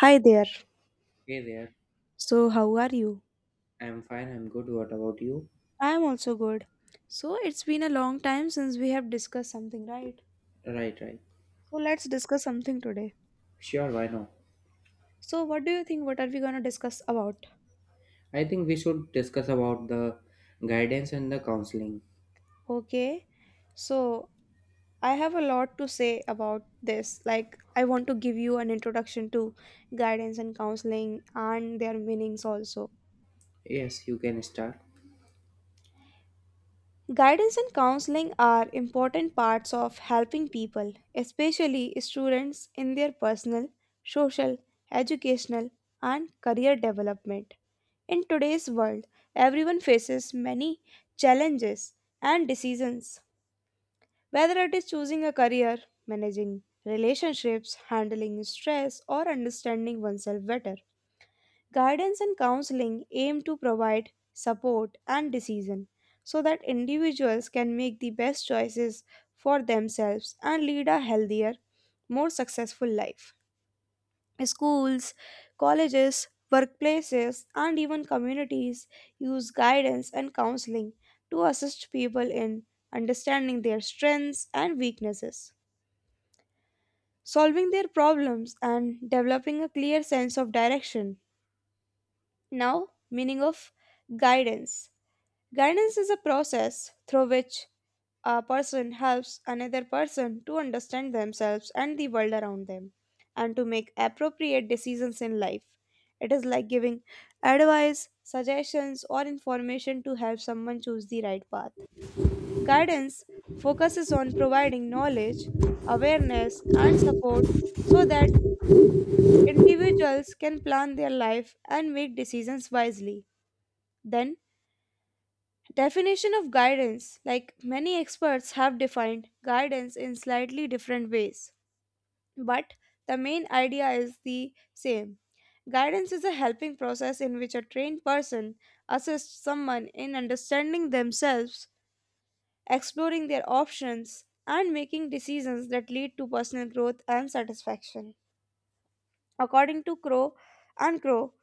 Hi there. Hey there, So, how are you? I'm fine, I'm good. What about you? I am also good. So, it's been a long time since we have discussed something, right? Right, right. So, let's discuss something today. Sure, why not? So, what do you think? What are we going to discuss about? I think we should discuss about the guidance and the counseling. Okay. So, I have a lot to say about this. Like, I want to give you an introduction to guidance and counseling and their meanings also. Yes, you can start. Guidance and counseling are important parts of helping people, especially students, in their personal, social, educational, and career development. In today's world, everyone faces many challenges and decisions, whether it is choosing a career, managing relationships, handling stress, or understanding oneself better. Guidance and counseling aim to provide support and decision so that individuals can make the best choices for themselves and lead a healthier, more successful life. Schools, colleges, workplaces, and even communities use guidance and counseling to assist people in understanding their strengths and weaknesses, solving their problems, and developing a clear sense of direction. Now, meaning of guidance. Guidance is a process through which a person helps another person to understand themselves and the world around them and to make appropriate decisions in life. It is like giving advice, suggestions, or information to help someone choose the right path. Guidance focuses on providing knowledge, awareness, and support so that individuals can plan their life and make decisions wisely. Then, definition of guidance like many experts have defined guidance in slightly different ways, but the main idea is the same. Guidance is a helping process in which a trained person assists someone in understanding themselves, exploring their options, and making decisions that lead to personal growth and satisfaction. According to Crow and Crow,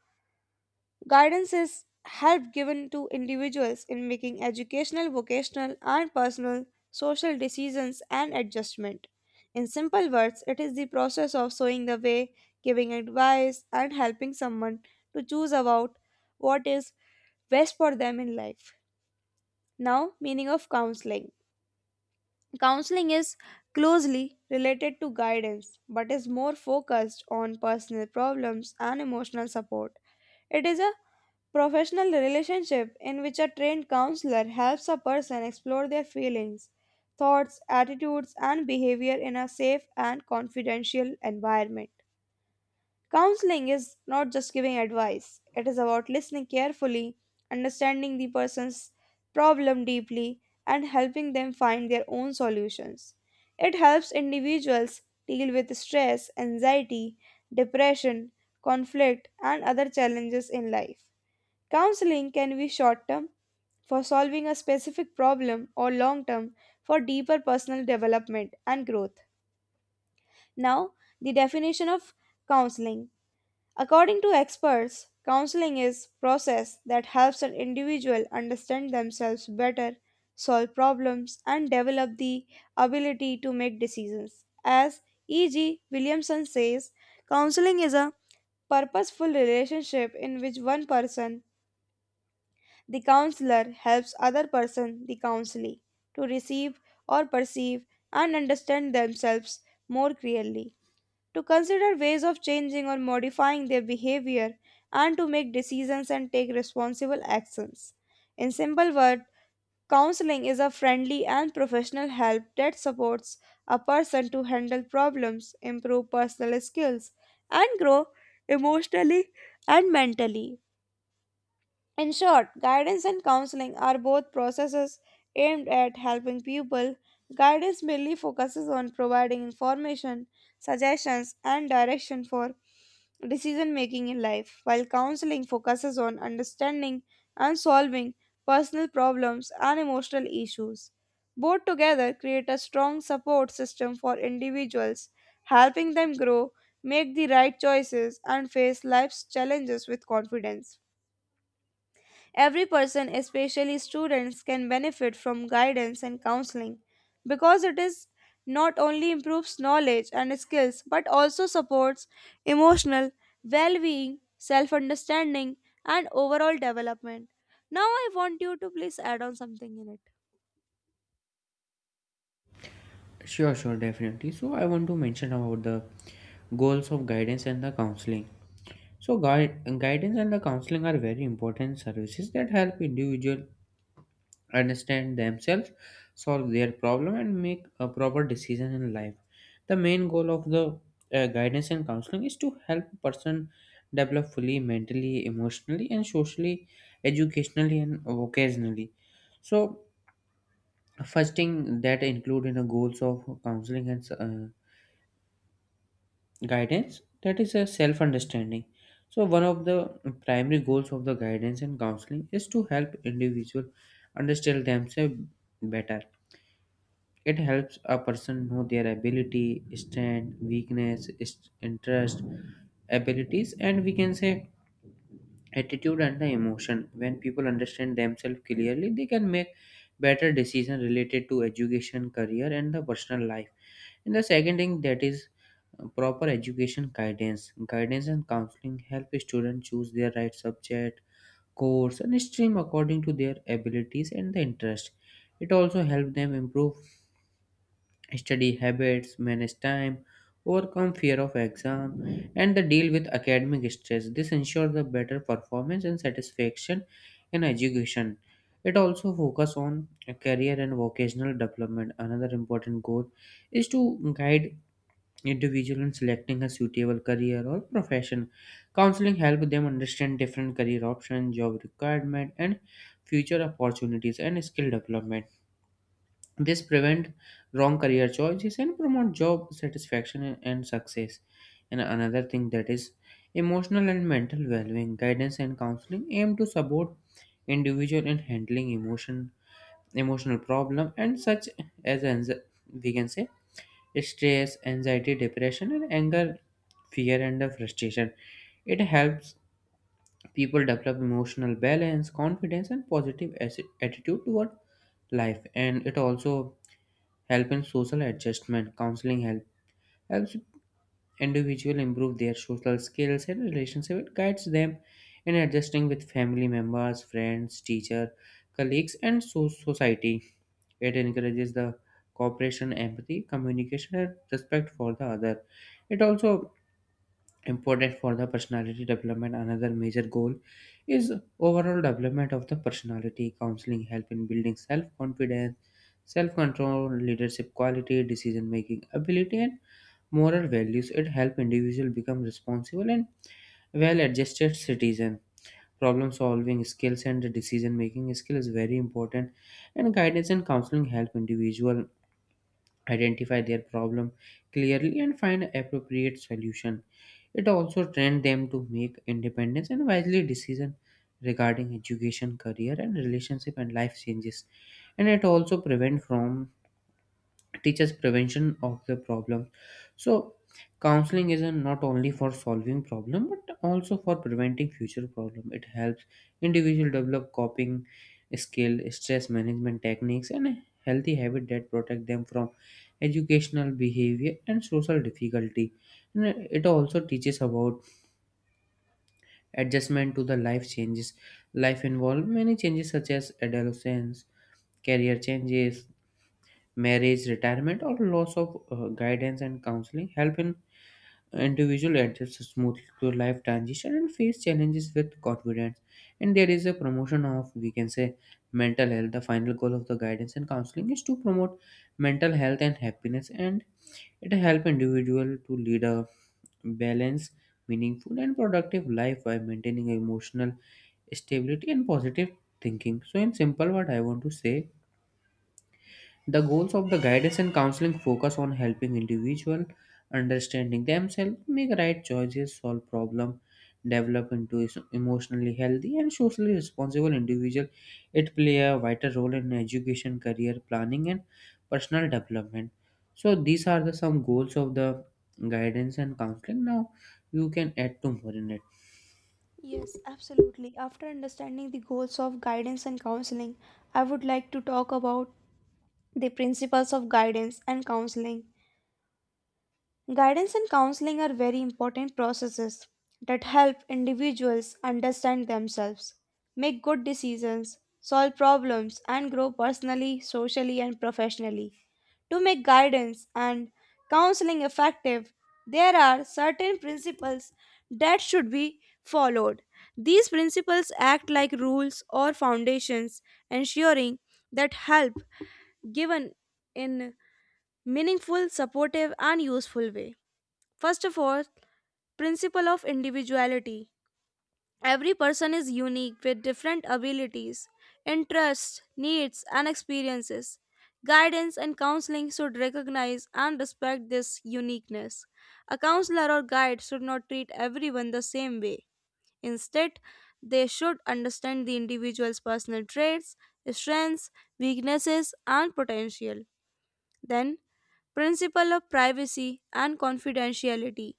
guidance is help given to individuals in making educational, vocational, and personal social decisions and adjustment. In simple words, it is the process of showing the way, giving advice, and helping someone to choose about what is best for them in life. Now, meaning of counseling. Counseling is closely related to guidance but is more focused on personal problems and emotional support. It is a professional relationship in which a trained counselor helps a person explore their feelings, thoughts, attitudes, and behavior in a safe and confidential environment. Counseling is not just giving advice, it is about listening carefully, understanding the person's problem deeply, and helping them find their own solutions. It helps individuals deal with stress, anxiety, depression, conflict, and other challenges in life. Counseling can be short term for solving a specific problem or long term for deeper personal development and growth. Now, the definition of counseling. According to experts, counseling is process that helps an individual understand themselves better, solve problems and develop the ability to make decisions. As E.G. Williamson says, counseling is a purposeful relationship in which one person, the counselor, helps other person, the counselee, to receive or perceive and understand themselves more clearly, to consider ways of changing or modifying their behavior, and to make decisions and take responsible actions. In simple words, counseling is a friendly and professional help that supports a person to handle problems, improve personal skills, and grow emotionally and mentally. In short, guidance and counseling are both processes aimed at helping people. Guidance mainly focuses on providing information, suggestions, and direction for decision making in life, while counseling focuses on understanding and solving personal problems and emotional issues. Both together create a strong support system for individuals, helping them grow, make the right choices, and face life's challenges with confidence. Every person, especially students, can benefit from guidance and counseling because it is not only improves knowledge and skills but also supports emotional well-being, self-understanding and overall development. Now I want you to please add on something in it. Sure, sure, definitely. So, I want to mention about the goals of guidance and the counseling. So, guidance and the counseling are very important services that help individual understand themselves, solve their problem, and make a proper decision in life. The main goal of the guidance and counseling is to help a person develop fully mentally, emotionally, and socially, educationally, and vocationally. So, first thing that include in the goals of counseling and guidance that is a self understanding. So, one of the primary goals of the guidance and counseling is to help individual understand themselves better. It helps a person know their ability, strength, weakness, interest, abilities, and we can say attitude and the emotion. When people understand themselves clearly, they can make better decisions related to education, career, and the personal life. And the second thing that is proper education guidance. Guidance and counseling help students choose their right subject, course, and stream according to their abilities and the interest. It also helps them improve study habits, manage time, overcome fear of exam, and the deal with academic stress. This ensures the better performance and satisfaction in education. It also focuses on career and vocational development. Another important goal is to guide individual in selecting a suitable career or profession. Counseling help them understand different career options, job requirement, and future opportunities and skill development. This prevent wrong career choices and promote job satisfaction and success. And another thing that is emotional and mental well-being, guidance and counseling aim to support individual in handling emotional problem and such as we can say stress, anxiety, depression and anger, fear and the frustration. It helps people develop emotional balance, confidence and positive attitude toward life, and it also help in social adjustment. Counseling helps individual improve their social skills and relationship. It guides them in adjusting with family members, friends, teacher, colleagues and society. It encourages the cooperation, empathy, communication and respect for the other. It also important for the personality development. Another major goal is overall development of the personality. Counseling help in building self confidence, self control, leadership quality, decision making ability and moral values. It help individual become responsible and well adjusted citizen. Problem solving skills and decision making skill is very important, and guidance and counseling help individual identify their problem clearly and find appropriate solution. It also trained them to make independence and wisely decision regarding education, career and relationship and life changes. And it also prevent from teaches prevention of the problem. So counseling is not only for solving problem but also for preventing future problem. It helps individual develop coping skill, stress management techniques and a healthy habit that protect them from educational behavior and social difficulty. And it also teaches about adjustment to the life changes. Life involved many changes such as adolescence, career changes, marriage, retirement, or loss of guidance and counseling help an individual adjust smoothly to life transition and face challenges with confidence. And there is a promotion of, we can say, mental health. The final goal of the guidance and counseling is to promote mental health and happiness, and it help individual to lead a balanced, meaningful, and productive life by maintaining emotional stability and positive thinking. So, in simple, what I want to say, the goals of the guidance and counseling focus on helping individual understanding themselves, make right choices, solve problem, develop into emotionally healthy and socially responsible individual. It play a vital role in education, career planning, and personal development. So these are the some goals of the guidance and counseling. Now you can add to more in it. Yes, absolutely. After understanding the goals of guidance and counseling, I would like to talk about the principles of guidance and counseling. Guidance and counseling are very important processes that help individuals understand themselves, make good decisions, solve problems, and grow personally, socially, and professionally. To make guidance and counseling effective, there are certain principles that should be followed. These principles act like rules or foundations, ensuring that help given in meaningful, supportive, and useful way. First of all, principle of individuality. Every person is unique with different abilities, interests, needs, and experiences. Guidance and counseling should recognize and respect this uniqueness. A counselor or guide should not treat everyone the same way. Instead, they should understand the individual's personal traits, strengths, weaknesses, and potential. Then, principle of privacy and confidentiality.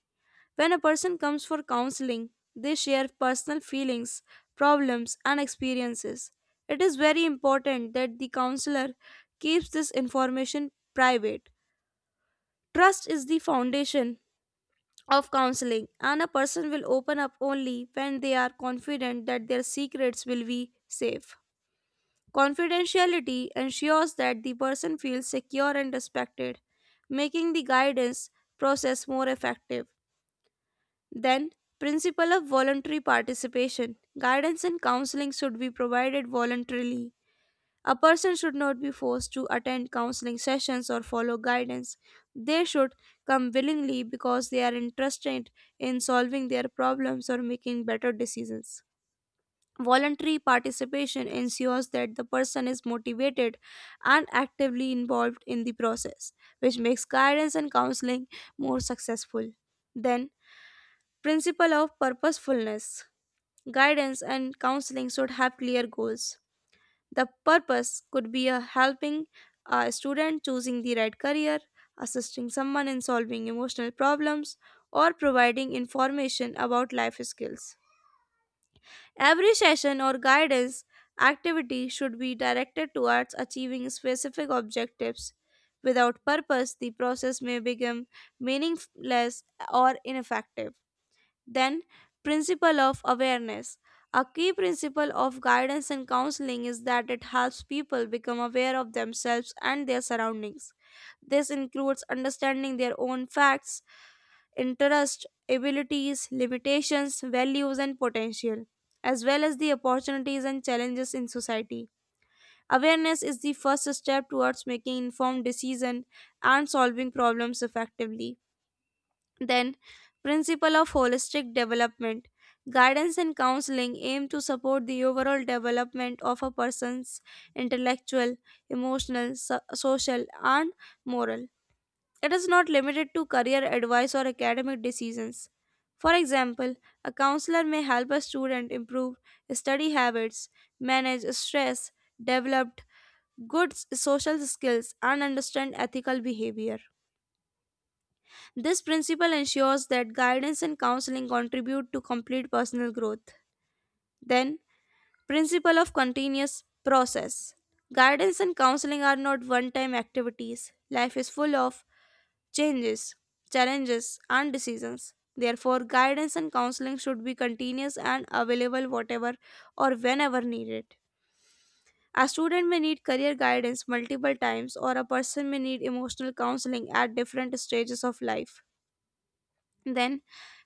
When a person comes for counseling, they share personal feelings, problems, and experiences. It is very important that the counselor keeps this information private. Trust is the foundation of counseling, and a person will open up only when they are confident that their secrets will be safe. Confidentiality ensures that the person feels secure and respected, making the guidance process more effective. Then, principle of voluntary participation. Guidance and counseling should be provided voluntarily. A person should not be forced to attend counseling sessions or follow guidance. They should come willingly because they are interested in solving their problems or making better decisions. Voluntary participation ensures that the person is motivated and actively involved in the process, which makes guidance and counseling more successful. Then, principle of purposefulness. Guidance and counseling should have clear goals. The purpose could be a helping a student choosing the right career, assisting someone in solving emotional problems, or providing information about life skills. Every session or guidance activity should be directed towards achieving specific objectives. Without purpose the process may become meaningless or ineffective. Then, principle of awareness. A key principle of guidance and counseling is that it helps people become aware of themselves and their surroundings. This includes understanding their own facts, interests, abilities, limitations, values, and potential, as well as the opportunities and challenges in society. Awareness is the first step towards making informed decisions and solving problems effectively. Then, principle of holistic development. Guidance and counseling aim to support the overall development of a person's intellectual, emotional, social, and moral. It is not limited to career advice or academic decisions. For example, a counselor may help a student improve study habits, manage stress, develop good social skills, and understand ethical behavior. This principle ensures that guidance and counseling contribute to complete personal growth. Then, principle of continuous process. Guidance and counseling are not one time activities. Life is full of changes, challenges, and decisions. Therefore, guidance and counseling should be continuous and available whatever or whenever needed. A student may need career guidance multiple times, or a person may need emotional counseling at different stages of life. Then,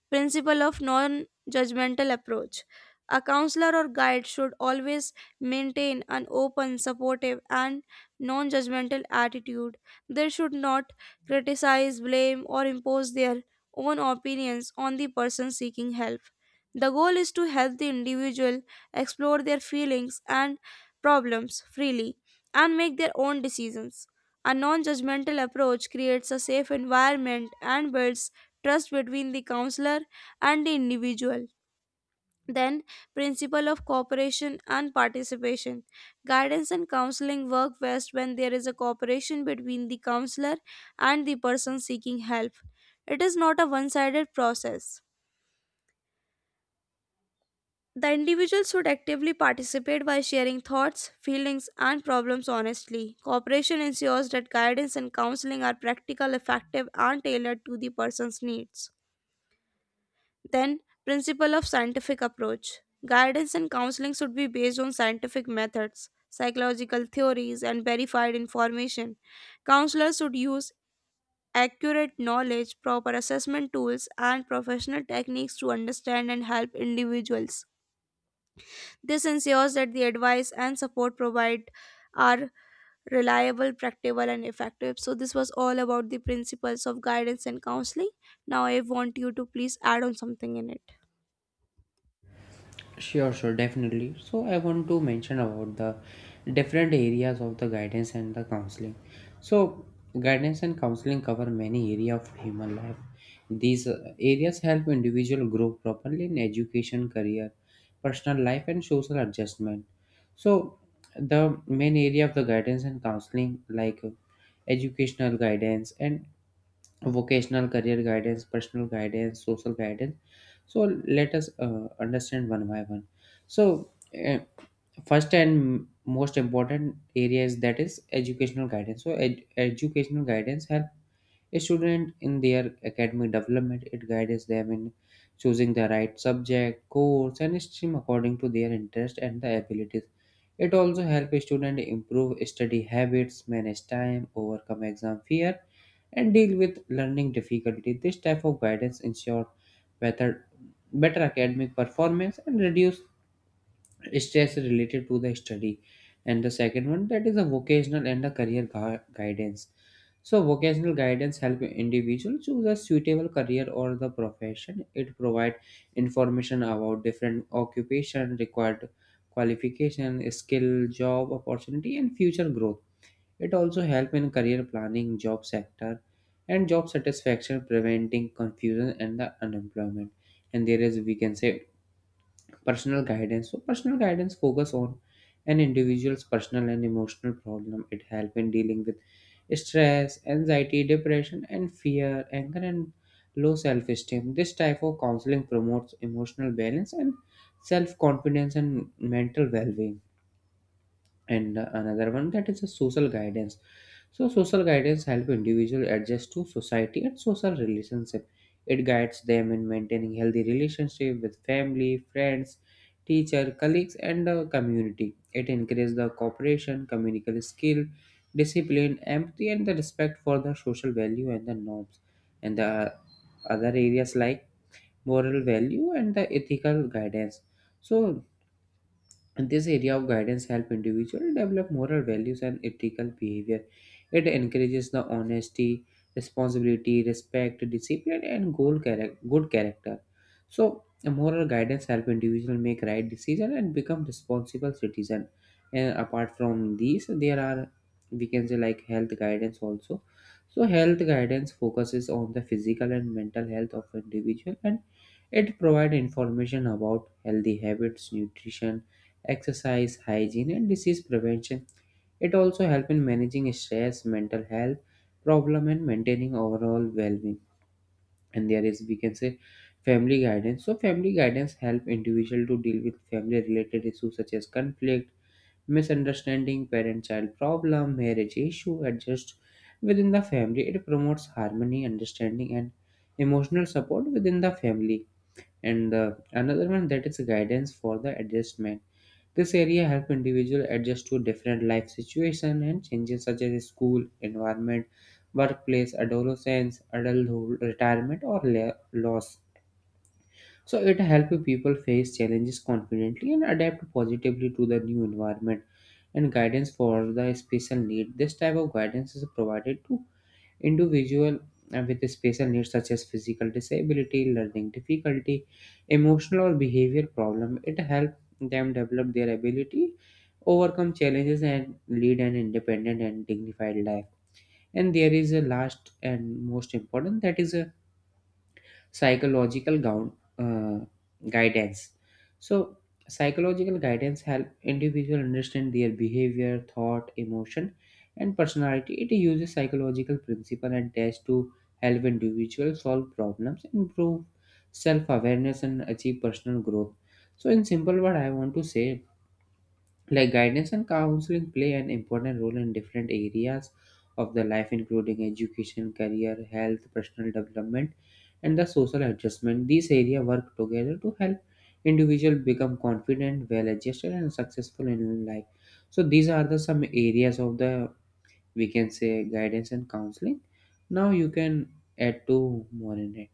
principle of non judgmental approach. A counselor or guide should always maintain an open, supportive, and non judgmental attitude. They should not criticize, blame, or impose their own opinions on the person seeking help. The goal is to help the individual explore their feelings and problems freely and make their own decisions. A non judgmental approach creates a safe environment and builds trust between the counselor and the individual. Then, principle of cooperation and participation. Guidance and counseling work best when there is a cooperation between the counselor and the person seeking help. It is not a one sided process. The individual should actively participate by sharing thoughts, feelings, and problems honestly. Cooperation ensures that guidance and counseling are practical, effective, and tailored to the person's needs. Then, principle of scientific approach. Guidance and counseling should be based on scientific methods, psychological theories, and verified information. Counselors should use accurate knowledge, proper assessment tools, and professional techniques to understand and help individuals. This ensures that the advice and support provided are reliable, practical, and effective. So, this was all about the principles of guidance and counseling. Now, I want you to please add on something in it. Sure, sure, definitely. So, I want to mention about the different areas of the guidance and the counseling. So, guidance and counseling cover many areas of human life. These areas help individual grow properly in education, career, personal life, and social adjustment. So, the main area of the guidance and counseling, like educational guidance and vocational career guidance, personal guidance, social guidance. So let us understand one by one. So uh, first and most important area is that is educational guidance. So educational guidance help a student in their academic development. It guides them in choosing the right subject, course, and stream according to their interest and the abilities. It also helps a student improve study habits, manage time, overcome exam fear, and deal with learning difficulty. This type of guidance ensures better, better academic performance and reduce stress related to the study. And the second one, that is a vocational and a career guidance. So vocational guidance help individual choose a suitable career or the profession. It provide information about different occupation, required qualification, skill, job opportunity and future growth. It also help in career planning, job sector, and job satisfaction, preventing confusion and the unemployment. And there is, we can say, personal guidance. So personal guidance focus on an individual's personal and emotional problem. It help in dealing with stress, anxiety, depression and fear, anger and low self-esteem. This type of counseling promotes emotional balance and self-confidence and mental well-being. And another one that is a social guidance. So social guidance help individual adjust to society and social relationship. It guides them in maintaining healthy relationship with family, friends, teacher, colleagues and the community. It encourages the cooperation, communication skill, discipline, empathy and the respect for the social value and the norms. And the other areas like moral value and the ethical guidance. So, and this area of guidance helps individuals develop moral values and ethical behavior. It encourages the honesty, responsibility, respect, discipline, and good character. So, a moral guidance helps individuals make right decisions and become responsible citizens. And apart from these, there are, we can say, like health guidance also. So, health guidance focuses on the physical and mental health of individual, and it provides information about healthy habits, nutrition, exercise, hygiene, and disease prevention. It also helps in managing stress, mental health problem, and maintaining overall well-being. And there is, we can say, family guidance. So family guidance help individual to deal with family-related issues such as conflict, misunderstanding, parent-child problem, marriage issue, adjust within the family. It promotes harmony, understanding, and emotional support within the family. And the another one, that is guidance for the adjustment. This area help individual adjust to different life situation and changes such as school, environment, workplace, adolescence, adulthood, retirement or loss. So it helps people face challenges confidently and adapt positively to the new environment. And guidance for the special need. This type of guidance is provided to individual with special needs such as physical disability, learning difficulty, emotional or behavior problem. It helps them develop their ability, overcome challenges and lead an independent and dignified life. And there is a last and most important, that is a psychological gown, uh, guidance. So, psychological guidance help individual understand their behavior, thought, emotion, and personality. It uses psychological principle and tests to help individuals solve problems, improve self-awareness, and achieve personal growth. So, in simple word, I want to say, like, guidance and counseling play an important role in different areas of the life including education, career, health, personal development and the social adjustment. These areas work together to help individual become confident, well adjusted and successful in life. So these are the some areas of the, we can say, guidance and counseling. Now you can add two more in it.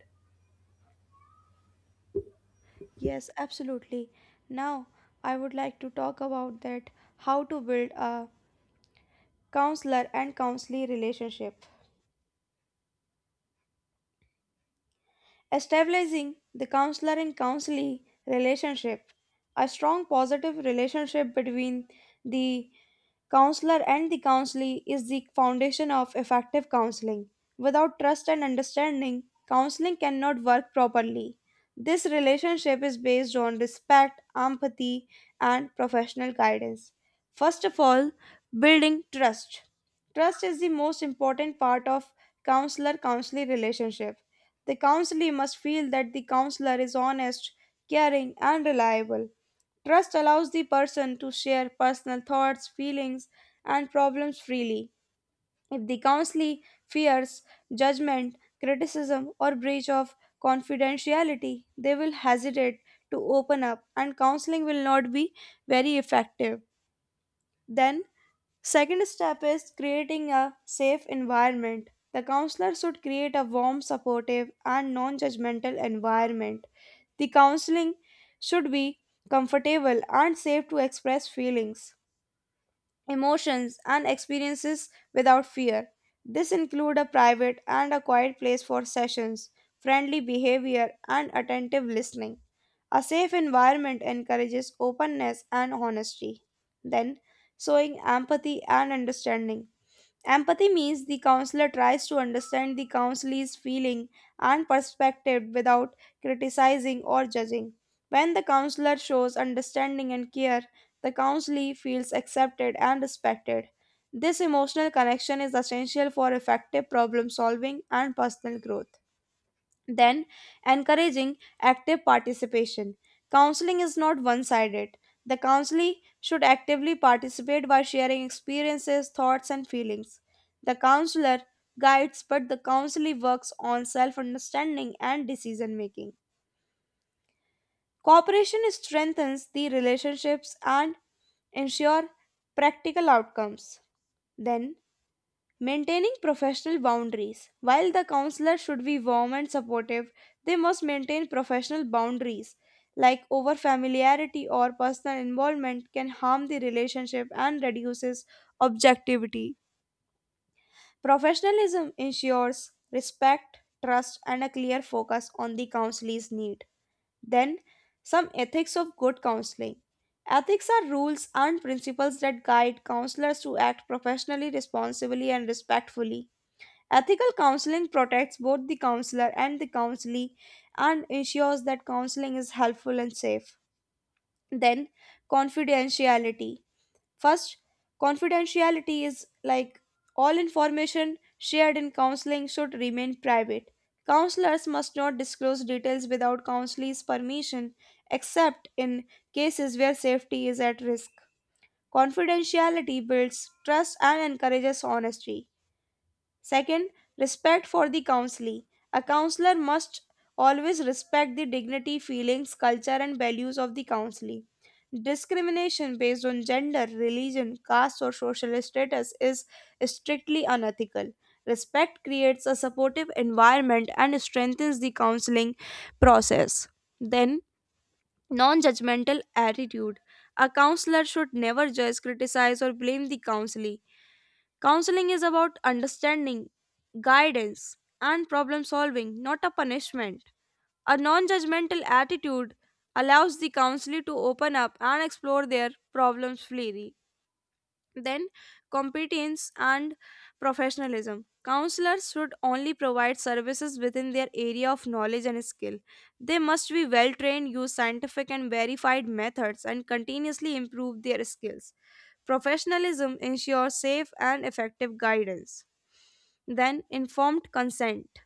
Yes, absolutely. Now, I would like to talk about that how to build a counselor and counselee relationship. Establishing the counselor and counselee relationship. A strong positive relationship between the counselor and the counselee is the foundation of effective counseling. Without trust and understanding counseling cannot work properly. This relationship is based on respect, empathy, and professional guidance. First of all, building trust. Trust is the most important part of counselor counselee relationship. The counselee must feel that the counselor is honest, caring, and reliable. Trust allows the person to share personal thoughts, feelings, and problems freely. If the counselee fears judgment, criticism, or breach of confidentiality, they will hesitate to open up, and counseling will not be very effective. Then, second step is creating a safe environment. The counselor should create a warm, supportive, and non judgmental environment. The counseling should be comfortable and safe to express feelings, emotions, and experiences without fear. This include a private and a quiet place for sessions, friendly behavior, and attentive listening. A safe environment encourages openness and honesty. Then, showing empathy and understanding. Empathy means the counselor tries to understand the counselee's feeling and perspective without criticizing or judging. When the counselor shows understanding and care, the counselee feels accepted and respected. This emotional connection is essential for effective problem solving and personal growth. Then, encouraging active participation. Counseling is not one sided. The counselee should actively participate by sharing experiences, thoughts, and feelings. The counselor guides, but the counselee works on self understanding and decision making. Cooperation strengthens the relationships and ensure practical outcomes. Then, maintaining professional boundaries. While the counselor should be warm and supportive, they must maintain professional boundaries, like over familiarity or personal involvement can harm the relationship and reduces objectivity. Professionalism ensures respect, trust, and a clear focus on the counselee's need. Then, some ethics of good counseling. Ethics are rules and principles that guide counselors to act professionally, responsibly, and respectfully. Ethical counseling protects both the counselor and the counselee and ensures that counseling is helpful and safe. Then, confidentiality. First, confidentiality is like all information shared in counseling should remain private. Counselors must not disclose details without counselee's permission, except in cases where safety is at risk. Confidentiality builds trust and encourages honesty. Second, respect for the counselee. A counselor must always respect the dignity, feelings, culture, and values of the counselee. Discrimination based on gender, religion, caste, or social status is strictly unethical. Respect creates a supportive environment and strengthens the counseling process. Then, non judgmental attitude. A counselor should never judge, criticize, or blame the counselee. Counseling is about understanding, guidance, and problem solving, not a punishment. A non judgmental attitude allows the counselee to open up and explore their problems freely. Then, competence and professionalism. Counselors should only provide services within their area of knowledge and skill. They must be well trained, use scientific and verified methods, and continuously improve their skills. Professionalism ensures safe and effective guidance. Then, informed consent.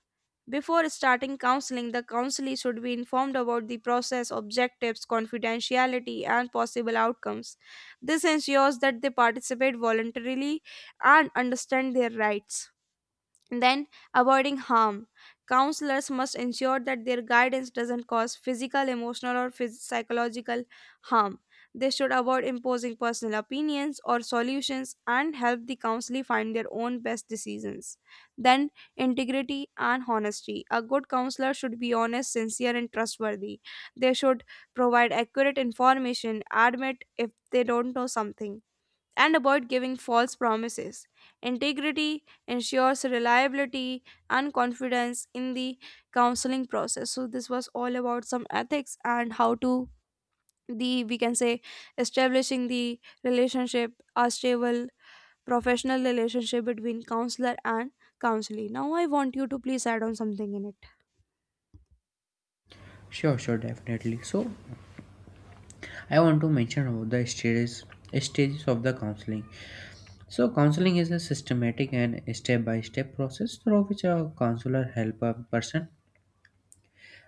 Before starting counseling, the counselee should be informed about the process, objectives, confidentiality, and possible outcomes. This ensures that they participate voluntarily and understand their rights. Then, avoiding harm. Counselors must ensure that their guidance doesn't cause physical, emotional, or psychological harm. They should avoid imposing personal opinions or solutions and help the counselee find their own best decisions. Then, integrity and honesty. A good counselor should be honest, sincere, and trustworthy. They should provide accurate information, admit if they don't know something, and avoid giving false promises. Integrity ensures reliability and confidence in the counseling process. So this was all about some ethics and how to, the we can say, establishing the relationship, a stable professional relationship between counselor and counselee. Now I want you to please add on something in it. Sure, sure, definitely. So, I want to mention about the stages of the counseling. So, counseling is a systematic and step by step process through which a counselor helps a person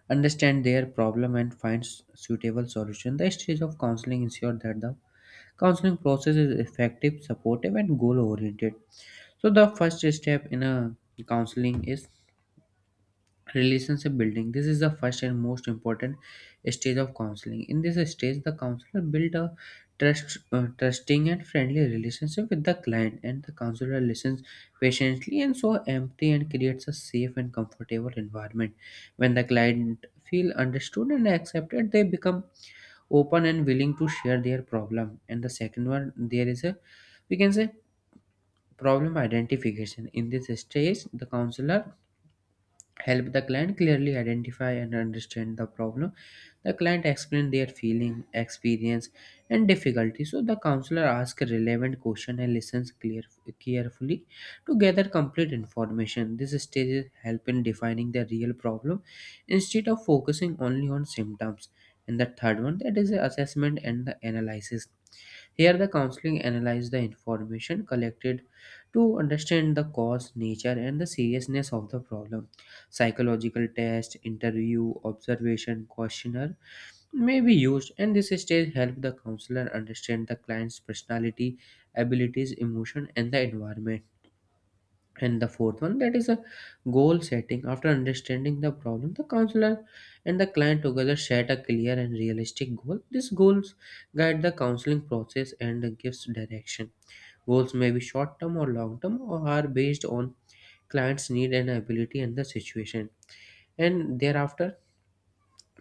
understand their problem and finds suitable solution. The stage of counseling ensure that the counseling process is effective, supportive, and goal oriented. So, the first step in a counseling is relationship building. This is the first and most important stage of counseling. In this stage the counselor build a trusting and friendly relationship with the client, and the counselor listens patiently and so empathy and creates a safe and comfortable environment. When the client feel understood and accepted they become open and willing to share their problem. And the second one there is, a we can say, problem identification. In this stage the counselor help the client clearly identify and understand the problem. The client explain their feeling, experience and difficulty. So the counselor asks a relevant question and listens carefully to gather complete information. This stage is help in defining the real problem instead of focusing only on symptoms. And the third one that is the assessment and the analysis. Here, the counseling analyzes the information collected to understand the cause, nature, and the seriousness of the problem. Psychological test, interview, observation, questionnaire may be used, and this stage helps the counselor understand the client's personality, abilities, emotion, and the environment. And the fourth one, that is a goal setting. After understanding the problem, the counselor and the client together set a clear and realistic goal. These goals guide the counseling process and gives direction. Goals may be short term or long term or are based on client's need and ability and the situation. And thereafter,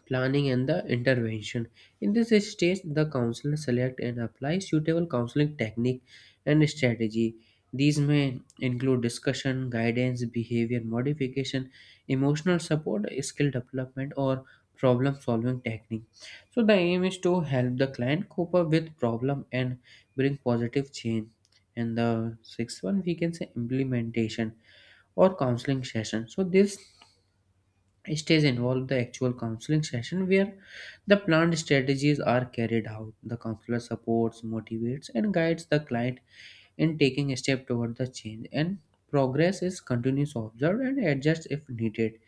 planning and the intervention. In this stage, the counselor select and apply suitable counseling technique and strategy. These may include discussion, guidance, behavior modification, emotional support, skill development, or problem solving technique. So the aim is to help the client cope up with problem and bring positive change. And the sixth one, we can say, implementation or counseling session. So this stage involve the actual counseling session where the planned strategies are carried out. The counselor supports, motivates, and guides the client in taking a step toward the change. And progress is continuous observed and adjust if needed.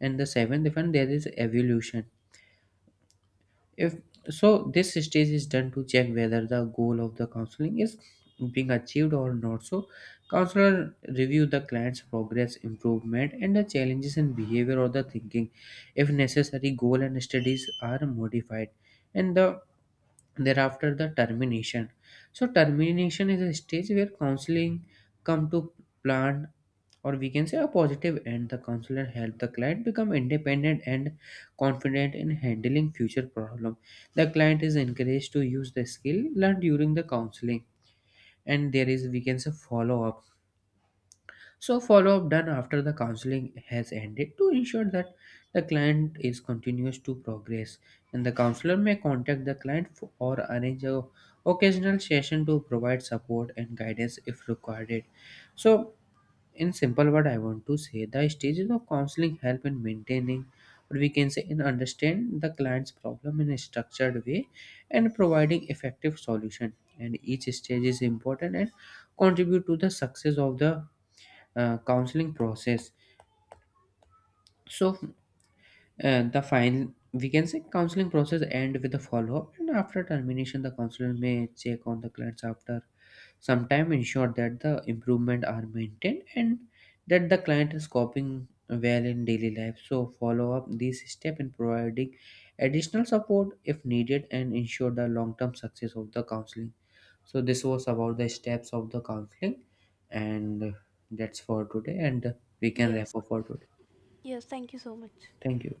And the seventh, event there is evolution. If So, this stage is done to check whether the goal of the counseling is being achieved or not. So, counselor review the client's progress, improvement, and the challenges in behavior or the thinking. If necessary, goal and studies are modified, and the thereafter the termination. So, termination is a stage where counseling come to plan, or we can say, a positive end. The counselor help the client become independent and confident in handling future problem. The client is encouraged to use the skill learned during the counseling. And there is, we can say, follow up. So follow up done after the counseling has ended to ensure that the client is continues to progress, and the counselor may contact the client for, or arrange a occasional session to provide support and guidance if required. So, in simple word, I want to say the stages of counseling help in maintaining, or we can say, in understand the client's problem in a structured way and providing effective solution. And each stage is important and contribute to the success of the counseling process. So the final, we can say, counseling process end with a follow-up, and after termination the counselor may check on the clients after sometimes ensure that the improvement are maintained and that the client is coping well in daily life. So follow up these step in providing additional support if needed and ensure the long-term success of the counseling. So this was about the steps of the counseling, and that's for today and we can Yes. wrap up for today. Thank you.